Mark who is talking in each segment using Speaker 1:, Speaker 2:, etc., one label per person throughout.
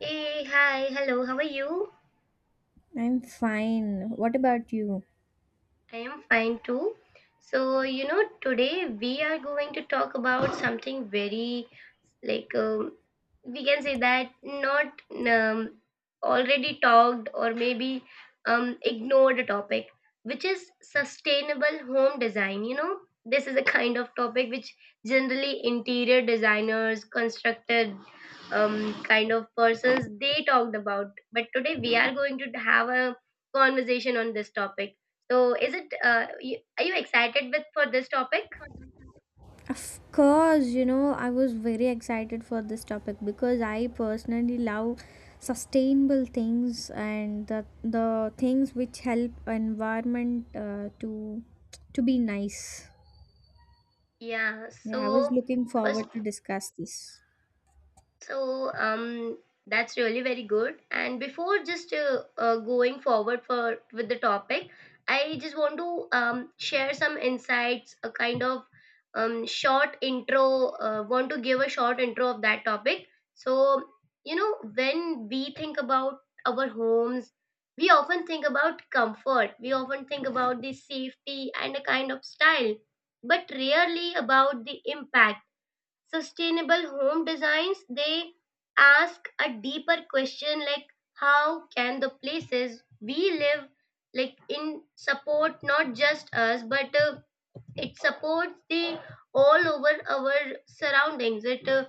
Speaker 1: Hey, hi, hello, how are you?
Speaker 2: I'm fine. What about you?
Speaker 1: I am fine too. So, you know, today we are going to talk about something very like we can say that not um, already talked, or maybe ignored a topic, which is sustainable home design. You know, this is a kind of topic which generally interior designers, constructed kind of persons, they talked about. But today we are going to have a conversation on this topic, so, is it, you, are you excited with for this topic?
Speaker 2: Of course, you know, I was very excited for this topic because I personally love sustainable things and the things which help environment to be nice.
Speaker 1: Yeah.
Speaker 2: Yeah, I was
Speaker 1: So,
Speaker 2: looking
Speaker 1: first.
Speaker 2: forward to discuss this.
Speaker 1: So that's really very good. And before just going forward for with the topic, I just want to share some insights, a kind of short intro. Want to give a short intro of that topic. So you know, when we think about our homes, we often think about comfort. We often think about the safety and a kind of style, but rarely about the impact. Sustainable home designs, they ask a deeper question like how can the places we live like in support not just us, but it supports the all over our surroundings, it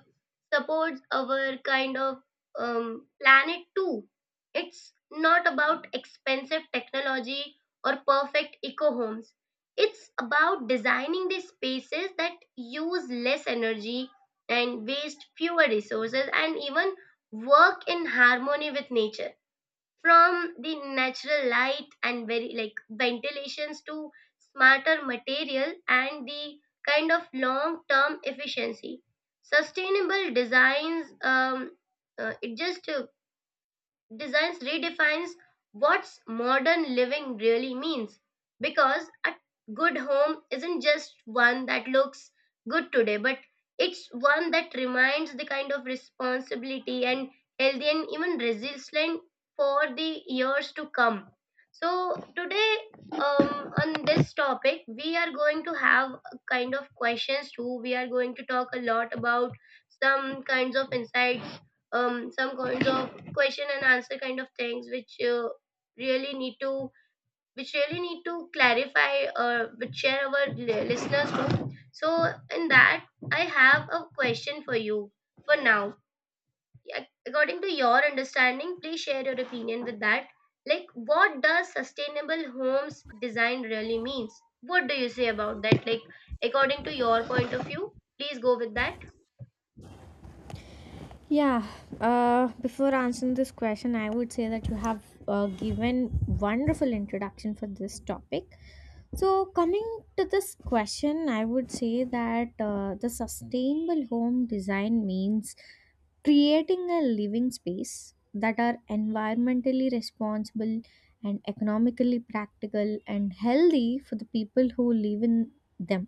Speaker 1: supports our kind of planet too. It's not about expensive technology or perfect eco homes. It's about designing the spaces that use less energy and waste fewer resources and even work in harmony with nature, from the natural light and very like ventilations to smarter material and the kind of long term efficiency. Sustainable designs, it just designs redefines what's modern living really means, because a good home isn't just one that looks good today, but it's one that reminds the kind of responsibility and healthy and even resilient for the years to come. So today, on this topic, we are going to have a kind of questions too. We are going to talk a lot about some kinds of insights, some kinds of question and answer kind of things which really need to which really need to clarify or which share our listeners too. So in that, I have a question for you. For now, according to your understanding, please share your opinion with that, like what does sustainable homes design really means? What do you say about that? Like, according to your point of view, please go with that.
Speaker 2: Yeah, before answering this question, I would say that you have given wonderful introduction for this topic. So, coming to this question, I would say that the sustainable home design means creating a living space that are environmentally responsible and economically practical and healthy for the people who live in them,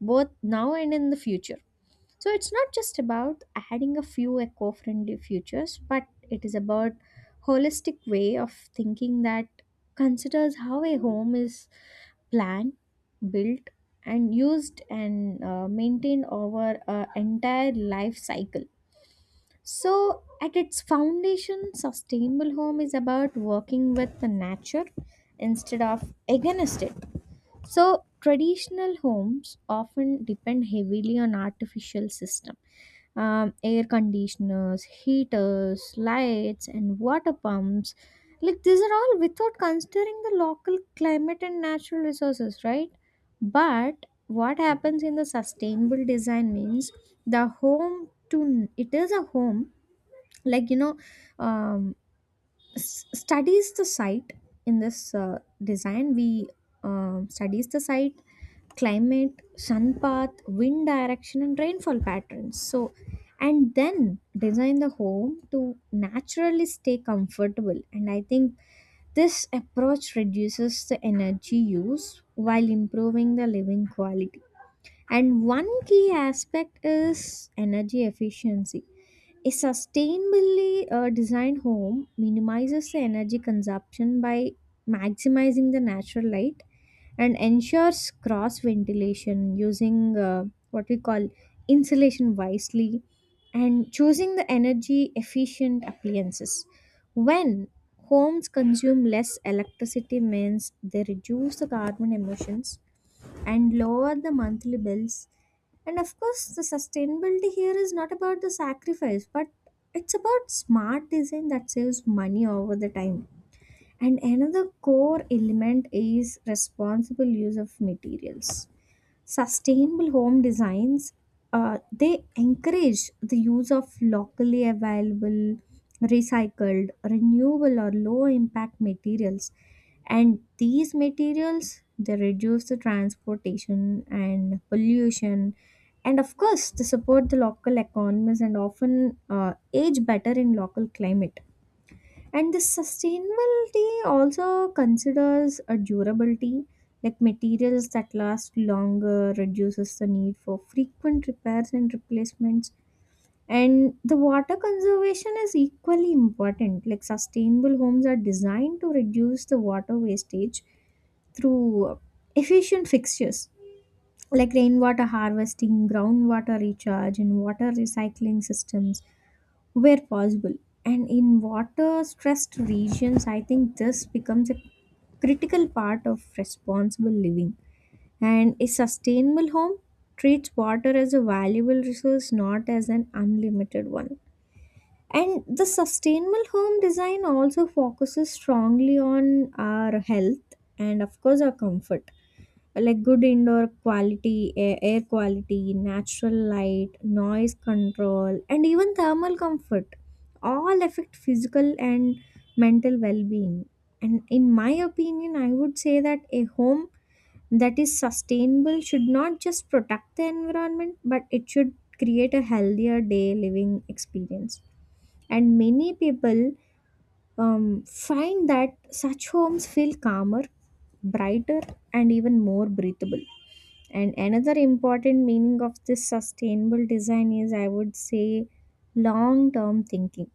Speaker 2: both now and in the future. So it's not just about adding a few eco friendly features, but it is about holistic way of thinking that considers how a home is planned, built, and used and maintained over an entire life cycle. So, at its foundation, sustainable home is about working with the nature instead of against it. So traditional homes often depend heavily on artificial system. Air conditioners, heaters, lights, and water pumps. Like these are all without considering the local climate and natural resources, right? But what happens in the sustainable design means the home to it is a home. Like you know, um, studies the site in this design. We studies the site climate, sun path, wind direction, and rainfall patterns. So, and then design the home to naturally stay comfortable. And I think this approach reduces the energy use while improving the living quality. And one key aspect is energy efficiency. A sustainably designed home minimizes the energy consumption by maximizing the natural light and ensures cross ventilation using what we call insulation wisely and choosing the energy efficient appliances. When homes consume less electricity means they reduce the carbon emissions and lower the monthly bills. And of course, the sustainability here is not about the sacrifice, but it's about smart design that saves money over the time. And another core element is responsible use of materials. Sustainable home designs they encourage the use of locally available, recycled, renewable or low impact materials, and these materials they reduce the transportation and pollution, and of course they support the local economies and often age better in local climate. And the sustainability also considers a durability, like materials that last longer, reduces the need for frequent repairs and replacements. And the water conservation is equally important. Like sustainable homes are designed to reduce the water wastage through efficient fixtures like rainwater harvesting, groundwater recharge, and water recycling systems where possible. And in water stressed regions, I think this becomes a critical part of responsible living. And a sustainable home treats water as a valuable resource, not as an unlimited one. And the sustainable home design also focuses strongly on our health and, of course, our comfort, like good indoor quality air, air quality, natural light, noise control, and even thermal comfort all affect physical and mental well-being. And in my opinion, I would say that a home that is sustainable should not just protect the environment, but it should create a healthier day living experience. And many people find that such homes feel calmer, brighter, and even more breathable. And another important meaning of this sustainable design is, I would say, long term thinking.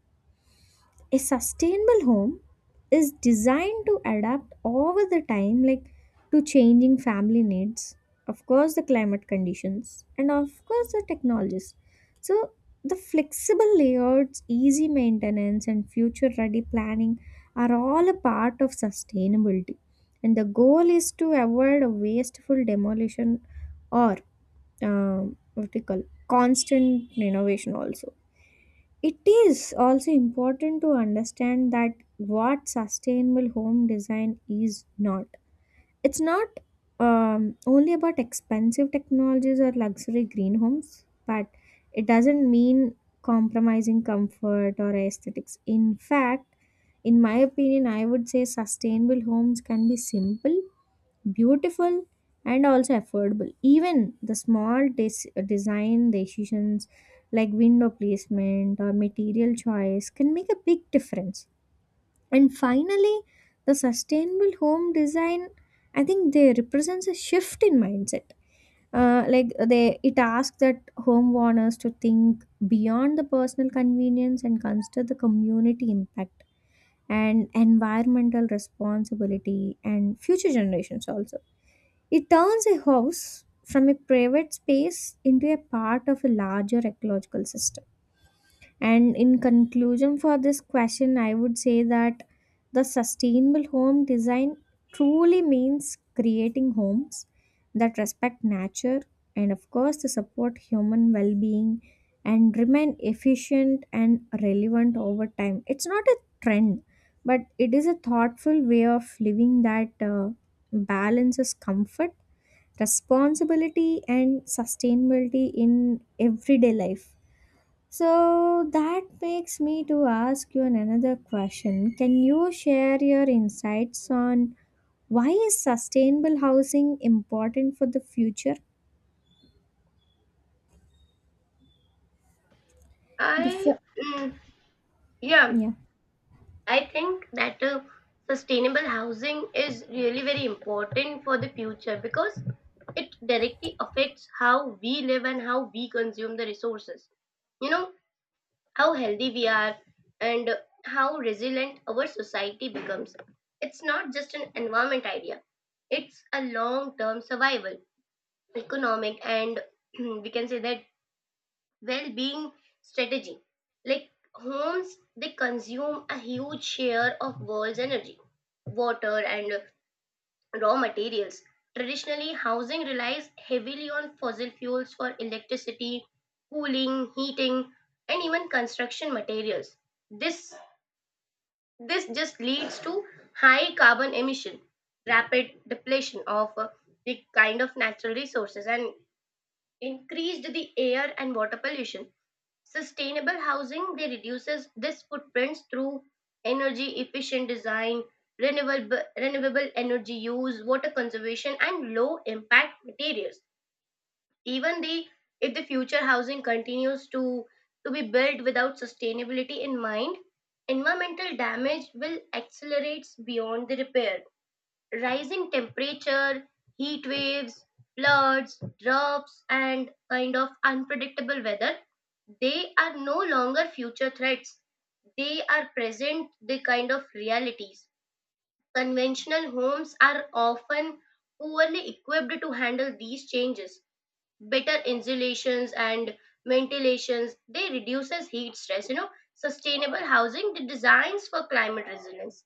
Speaker 2: A sustainable home is designed to adapt over the time, like to changing family needs, of course, the climate conditions, and of course, the technologies. So, the flexible layouts, easy maintenance, and future ready planning are all a part of sustainability. And the goal is to avoid a wasteful demolition or what we call constant innovation. Also it is also important to understand that what sustainable home design is not. It's not only about expensive technologies or luxury green homes, but it doesn't mean compromising comfort or aesthetics. In fact, in my opinion, I would say sustainable homes can be simple, beautiful, and also affordable. Even the small design decisions like window placement or material choice can make a big difference. And finally, the sustainable home design, I think they represents a shift in mindset. Like they it asks that home owners to think beyond the personal convenience and consider the community impact and environmental responsibility and future generations also. It turns a house from a private space into a part of a larger ecological system. And in conclusion, for this question, I would say that the sustainable home design truly means creating homes that respect nature and, of course, to support human well being and remain efficient and relevant over time. It's not a trend, but it is a thoughtful way of living that balances comfort, responsibility, and sustainability in everyday life. So that makes me to ask you another question. Can you share your insights on why is sustainable housing important for the future?
Speaker 1: I,
Speaker 2: Before
Speaker 1: mm, yeah.
Speaker 2: yeah.
Speaker 1: I think that sustainable housing is really very important for the future because it directly affects how we live and how we consume the resources. You know, how healthy we are and how resilient our society becomes. It's not just an environment idea, it's a long term survival, economic, and we can say that well-being strategy. Like homes, they consume a huge share of world's energy, water, and raw materials. Traditionally, housing relies heavily on fossil fuels for electricity, cooling, heating, and even construction materials. This this just leads to high carbon emission, rapid depletion of the kind of natural resources, and increased the air and water pollution. Sustainable housing, they reduces this footprints through energy efficient design, renewable energy use, water conservation, and low impact materials. Even the, if the future housing continues to be built without sustainability in mind, environmental damage will accelerate beyond the repair. Rising temperature, heat waves, floods, droughts, and kind of unpredictable weather, they are no longer future threats. They are present, they kind of realities. Conventional homes are often poorly equipped to handle these changes. Better insulations and ventilations, they reduces heat stress. You know, sustainable housing, the designs for climate resilience.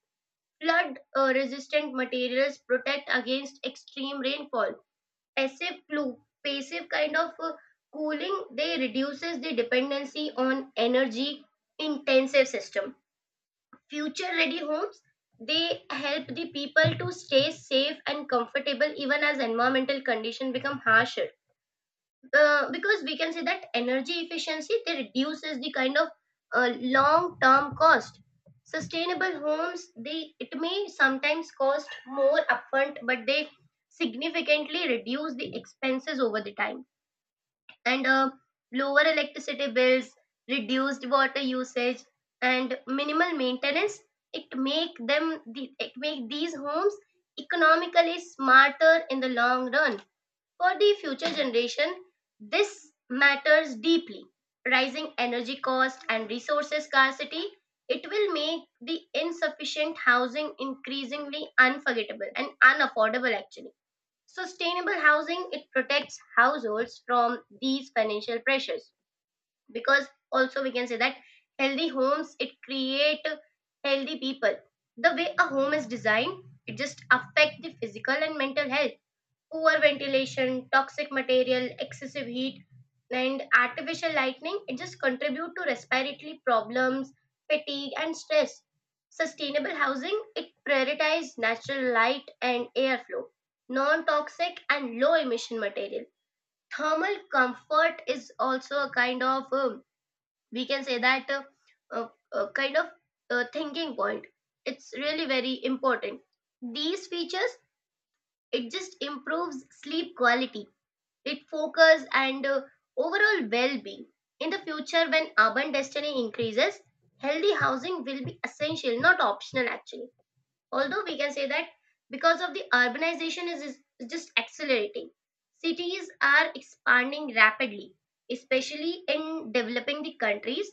Speaker 1: Flood resistant materials protect against extreme rainfall. Passive kind of cooling, they reduces the dependency on energy intensive system. Future ready homes, they help the people to stay safe and comfortable even as environmental conditions become harsher. Because we can say that energy efficiency, they reduces the kind of long term cost. Sustainable homes, they, it may sometimes cost more upfront, but they significantly reduce the expenses over the time, and lower electricity bills, reduced water usage, and minimal maintenance, it make these homes economically smarter in the long run. For the future generation, this matters deeply. Rising energy cost and resources scarcity, it will make the insufficient housing increasingly unforgettable and unaffordable actually. Sustainable housing, it protects households from these financial pressures, because also we can say that healthy homes, it create healthy people. The way a home is designed, it just affect the physical and mental health. Poor ventilation, toxic material, excessive heat, and artificial lightning, it just contribute to respiratory problems, fatigue, and stress. Sustainable housing, it prioritizes natural light and airflow, non-toxic and low-emission material. Thermal comfort is also a kind of, we can say that, uh, kind of thinking point. It's really very important. These features, it just improves sleep quality, it focus, and overall well-being in the future when urban destiny increases. Healthy housing will be essential, not optional actually. Although we can say that because of the urbanization is just accelerating, cities are expanding rapidly, especially in developing the countries.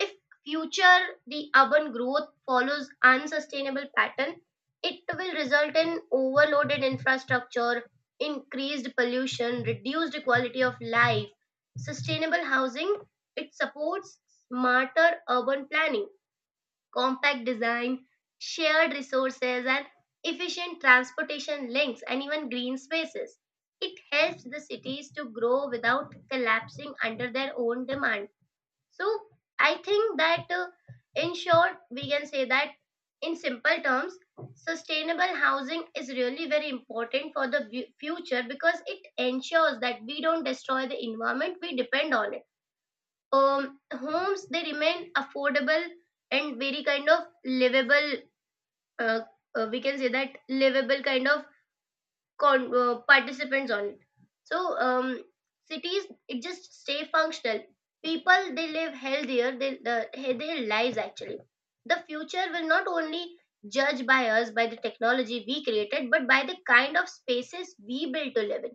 Speaker 1: If future the urban growth follows unsustainable pattern, it will result in overloaded infrastructure, increased pollution, reduced quality of life. Sustainable housing, it supports smarter urban planning, compact design, shared resources, and efficient transportation links, and even green spaces. It helps the cities to grow without collapsing under their own demand. So, I think that in short, we can say that in simple terms, sustainable housing is really very important for the future, because it ensures that we don't destroy the environment, we depend on it. Homes, they remain affordable and very kind of livable, uh, we can say that livable kind of participants on it. So cities, it just stay functional, people, they live healthier, their lives actually. The future will not only judge by us by the technology we created, but by the kind of spaces we build to live in.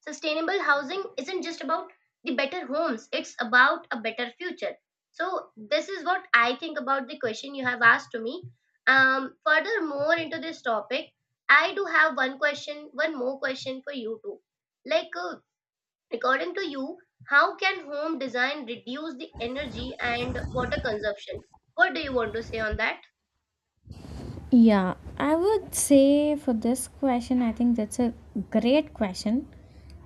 Speaker 1: Sustainable housing isn't just about the better homes, it's about a better future. So, this is what I think about the question you have asked to me. Furthermore, into this topic, I do have one question, one more question for you too. Like, according to you, how can home design reduce the energy and water consumption? What do you want to say on that?
Speaker 2: Yeah, I would say for this question, I think that's a great question.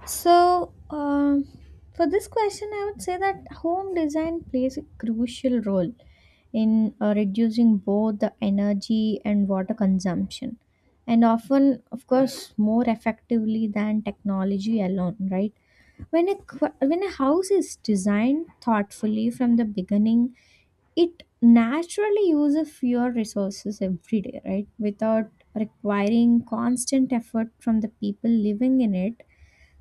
Speaker 2: So, for this question, I would say that home design plays a crucial role in reducing both the energy and water consumption, and often, of course, more effectively than technology alone, right? When a house is designed thoughtfully from the beginning, it naturally uses fewer resources every day, right? Without requiring constant effort from the people living in it,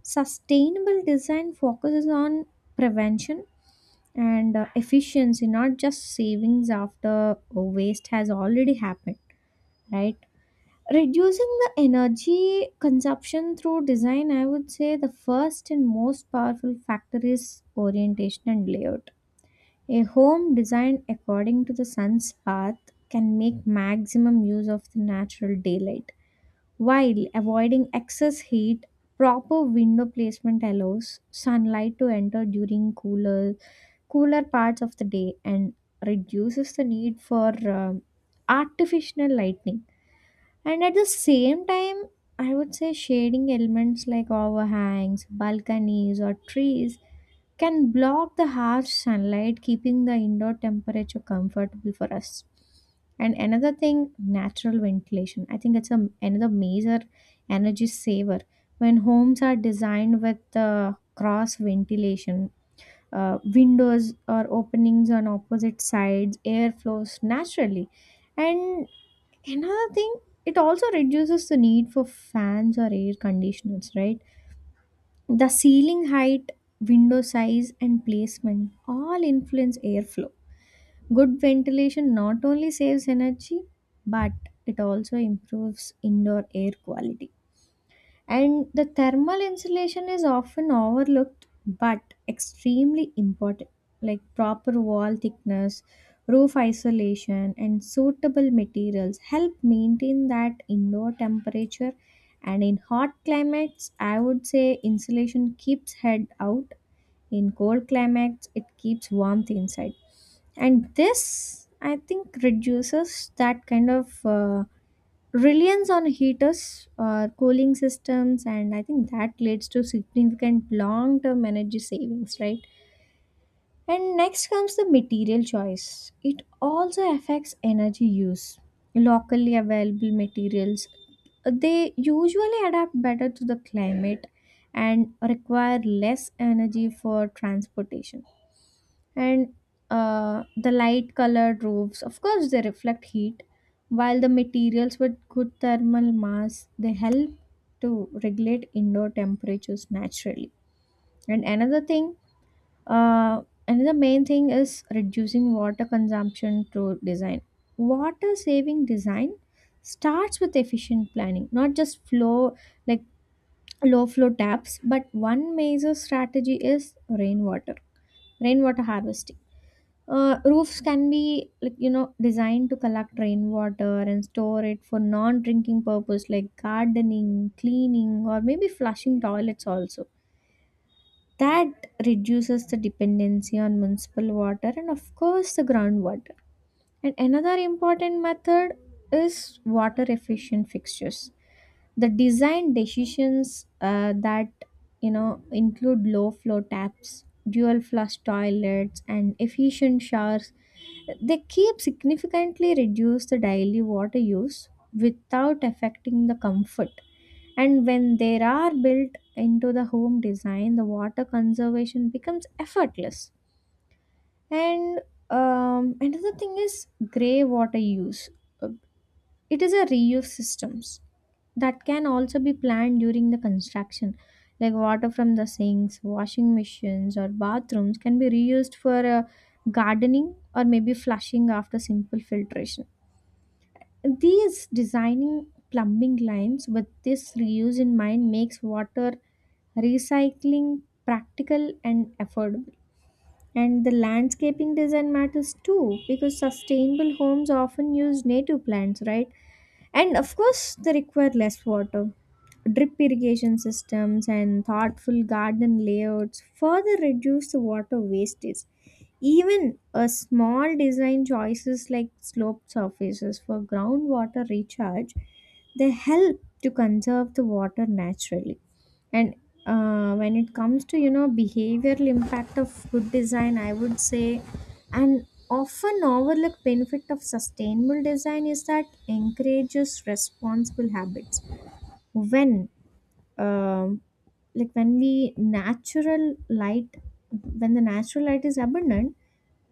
Speaker 2: sustainable design focuses on prevention and efficiency, not just savings after waste has already happened, right? Reducing the energy consumption through design, I would say the first and most powerful factor is orientation and layout. A home designed according to the sun's path can make maximum use of the natural daylight while avoiding excess heat. Proper window placement allows sunlight to enter during cooler parts of the day and reduces the need for um, artificial lighting. And at the same time, I would say shading elements like overhangs, balconies, or trees can block the harsh sunlight, keeping the indoor temperature comfortable for us. And another thing, natural ventilation. I think it's a, another major energy saver. When homes are designed with cross ventilation, windows or openings on opposite sides, air flows naturally. And Another thing, it also reduces the need for fans or air conditioners, right? The ceiling height, window size, and placement all influence airflow. Good ventilation not only saves energy, but it also improves indoor air quality. And the thermal insulation is often overlooked but extremely important, like proper wall thickness, roof isolation, and suitable materials help maintain that indoor temperature. And in hot climates, I would say insulation keeps head out. In cold climates, it keeps warmth inside. And this, I think, reduces that kind of. Reliance on heaters or cooling systems, and I think that leads to significant long term energy savings, right? And next comes the material choice. It also affects energy use. Locally available materials, they usually adapt better to the climate and require less energy for transportation. And the light colored roofs, of course they reflect heat, while the materials with good thermal mass they help to regulate indoor temperatures naturally. And another thing, uh, another main thing is reducing water consumption through design. Water saving design starts with efficient planning, not just flow, like low flow taps. But one major strategy is rainwater harvesting. Roofs can be, like you know, designed to collect rainwater and store it for non-drinking purpose like gardening, cleaning, or maybe flushing toilets also. That reduces the dependency on municipal water and of course the groundwater. And another important method is water efficient fixtures. The design decisions that, you know, include low flow taps, dual flush toilets, and efficient showers, they keep significantly reduce the daily water use without affecting the comfort. And when they are built into the home design, the water conservation becomes effortless. And another thing is gray water use. It is a reuse systems that can also be planned during the construction. Like water from the sinks, washing machines, or bathrooms can be reused for gardening or maybe flushing after simple filtration. These designing plumbing lines with this reuse in mind makes water recycling practical and affordable. And the landscaping design matters too because sustainable homes often use native plants, right? And of course, they require less water. Drip irrigation systems and thoughtful garden layouts further reduce the water wastage. Even a small design choices like sloped surfaces for groundwater recharge, they help to conserve the water naturally. And when it comes to, you know, behavioral impact of good design, I would say an often overlooked benefit of sustainable design is that encourages responsible habits. When um, like when we natural light, when the natural light is abundant,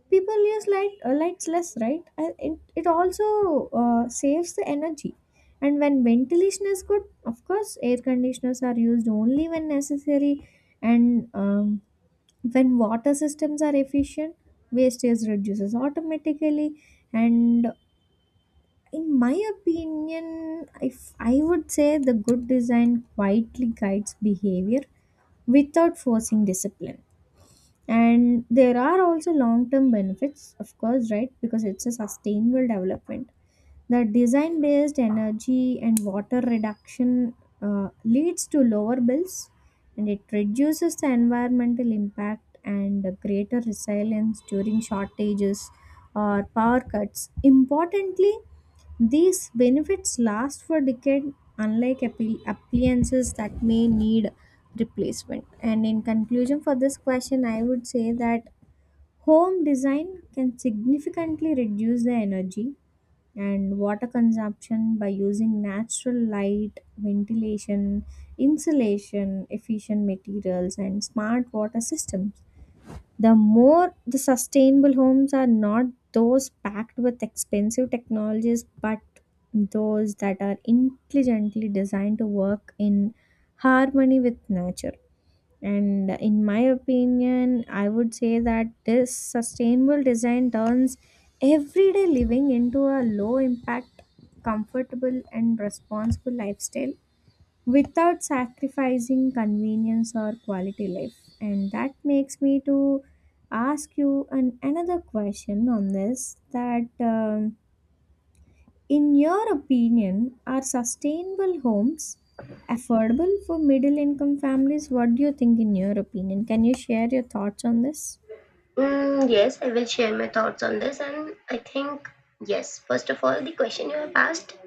Speaker 2: people use lights less, right? And it also saves the energy. And when ventilation is good, of course air conditioners are used only when necessary. And when water systems are efficient, wastage reduces automatically. And in my opinion, if I would say the good design quietly guides behavior without forcing discipline. And there are also long term benefits, of course, right? Because it's a sustainable development, the design based energy and water reduction leads to lower bills, and it reduces the environmental impact and greater resilience during shortages or power cuts. Importantly, these benefits last for decades, unlike appliances that may need replacement. And in conclusion, for this question, I would say that home design can significantly reduce the energy and water consumption by using natural light, ventilation, insulation, efficient materials, and smart water systems. The more the sustainable homes are not those packed with expensive technologies, but those that are intelligently designed to work in harmony with nature. And in my opinion, I would say that this sustainable design turns everyday living into a low impact, comfortable, and responsible lifestyle without sacrificing convenience or quality life. And that makes me to ask you another question on this that. In your opinion, are sustainable homes affordable for middle income families? What do you think, in your opinion? Can you share your thoughts on this?
Speaker 1: Mm, yes, I will share my thoughts on this, and I think yes. First of all, the question you have asked,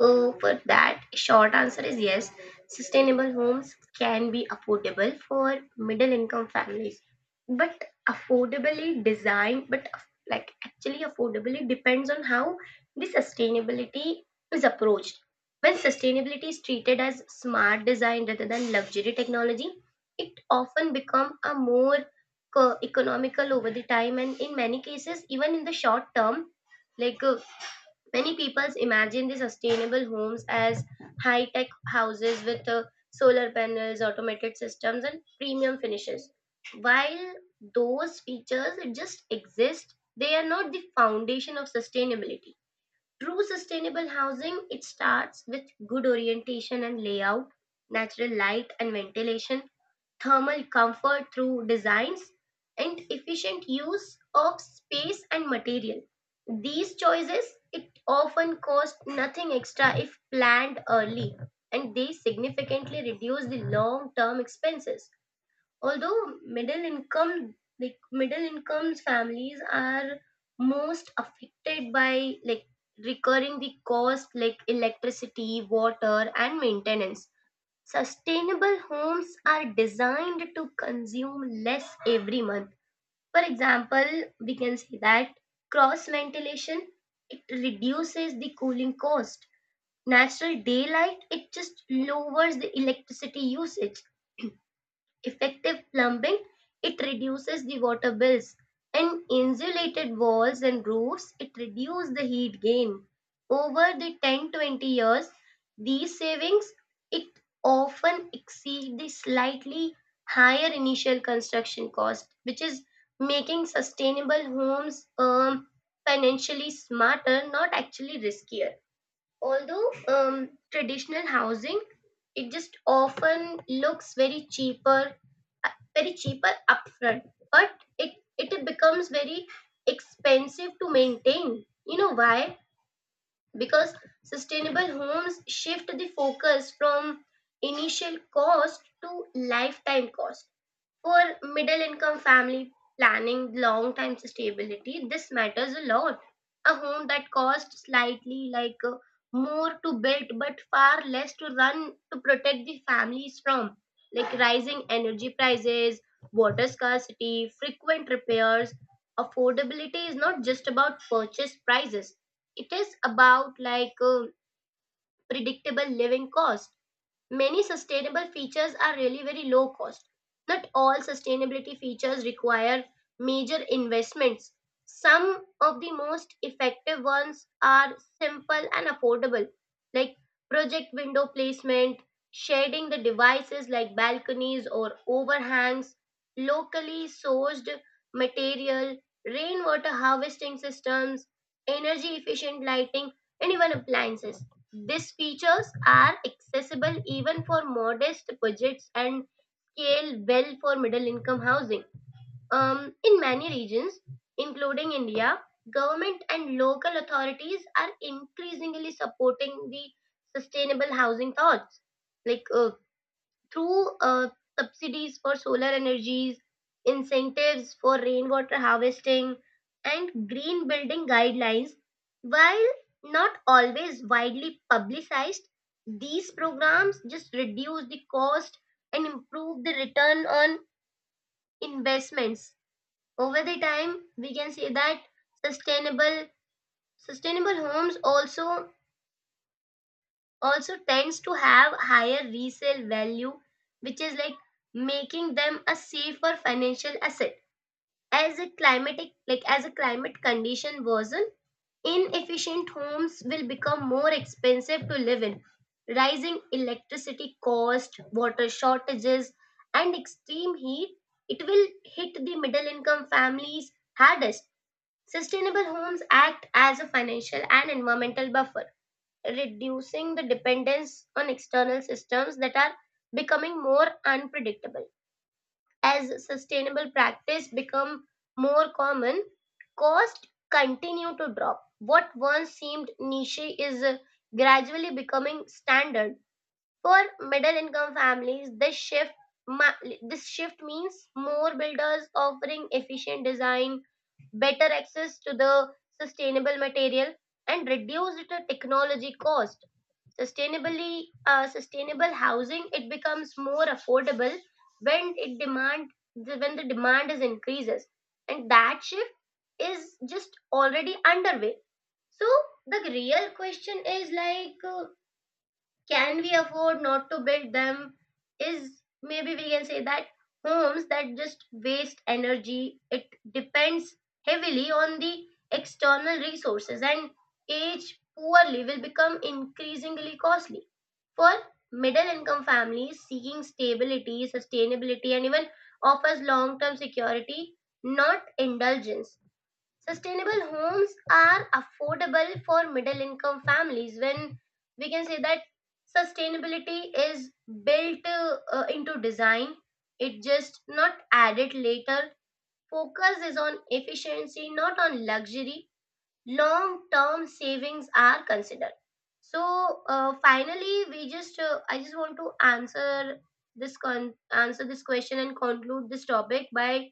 Speaker 1: oh, for that, short answer is yes. Sustainable homes can be affordable for middle income families, but affordably designed, but like actually affordably depends on how the sustainability is approached. When sustainability is treated as smart design rather than luxury technology, it often become a more economical over the time, and in many cases even in the short term. Like many people imagine the sustainable homes as high-tech houses with solar panels, automated systems, and premium finishes. While those features just exist, they are not the foundation of sustainability. True sustainable housing, it starts with good orientation and layout, natural light and ventilation, thermal comfort through designs, and efficient use of space and material. These choices, it often cost nothing extra if planned early, and they significantly reduce the long term expenses. Although middle income, like middle income families are most affected by like recurring the cost like electricity, water and maintenance. Sustainable homes are designed to consume less every month. For example, we can say that cross ventilation, it reduces the cooling cost. Natural daylight, it just lowers the electricity usage. Effective plumbing, it reduces the water bills, and insulated walls and roofs, it reduces the heat gain. Over the 10-20 years, these savings, it often exceed the slightly higher initial construction cost, which is making sustainable homes financially smarter, not actually riskier. Although traditional housing, it just often looks very cheaper, very cheaper upfront, but it becomes very expensive to maintain, you know why? Because sustainable homes shift the focus from initial cost to lifetime cost. For middle income family planning long time stability, this matters a lot. A home that costs slightly like more to build but far less to run to protect the families from like rising energy prices, water scarcity, frequent repairs. Affordability is not just about purchase prices. It is about like predictable living costs. Many sustainable features are really very low cost. Not all sustainability features require major investments. Some of the most effective ones are simple and affordable, like project window placement, shading the devices like balconies or overhangs, locally sourced material, rainwater harvesting systems, energy efficient lighting, and even appliances. These features are accessible even for modest budgets and scale well for middle income housing. In many regions, including India, government and local authorities are increasingly supporting the sustainable housing thoughts. Like through subsidies for solar energies, incentives for rainwater harvesting, and green building guidelines. While not always widely publicized, these programs just reduce the cost and improve the return on investments. Over the time, we can say that sustainable sustainable homes also also tends to have higher resale value, which is like making them a safer financial asset. As a climatic, like as a climate condition worsen, inefficient homes will become more expensive to live in. Rising electricity cost, water shortages, and extreme heat, it will hit the middle income families hardest. Sustainable homes act as a financial and environmental buffer, reducing the dependence on external systems that are becoming more unpredictable. As sustainable practice become more common, costs continue to drop. What once seemed niche is gradually becoming standard. For middle income families, this shift ma- this shift means more builders offering efficient design, better access to the sustainable material, and reduced technology cost. Sustainably, sustainable housing, it becomes more affordable when it demand, when the demand is increases, and that shift is just already underway. So the real question is like, can we afford not to build them? Is maybe we can say that homes that just waste energy, it depends heavily on the external resources and age poorly will become increasingly costly. For middle income families seeking stability, sustainability, and even offers long term security, not indulgence. Sustainable homes are affordable for middle income families when we can say that sustainability is built into design, it just not added later. Focus is on efficiency, not on luxury. Long-term savings are considered. So finally, we just I just want to answer answer this question and conclude this topic by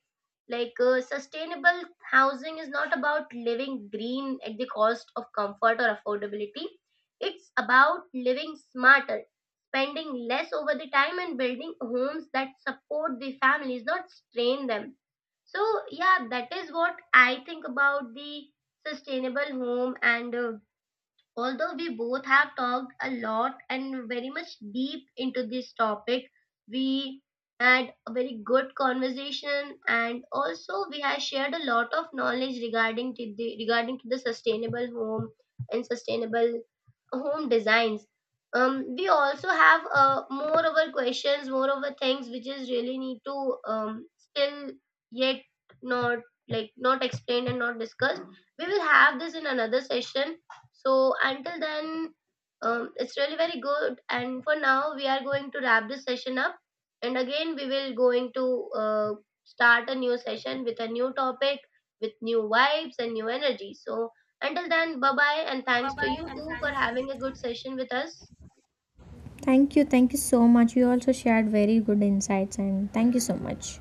Speaker 1: like sustainable housing is not about living green at the cost of comfort or affordability. It's about living smarter, spending less over the time, and building homes that support the families, not strain them. So yeah, that is what I think about the sustainable home, and although we both have talked a lot and very much deep into this topic, we had a very good conversation, and also we have shared a lot of knowledge regarding to the sustainable home and sustainable home designs. We also have more over questions, more over things which is really need to, still yet not like not explained and not discussed. We will have this in another session, so until then, it's really very good. And for now, we are going to wrap this session up. And again, we will going to start a new session with a new topic, with new vibes and new energy. So until then, bye bye, and thanks to you too for having a good session with us.
Speaker 2: Thank you. Thank you so much. You also shared very good insights, and thank you so much.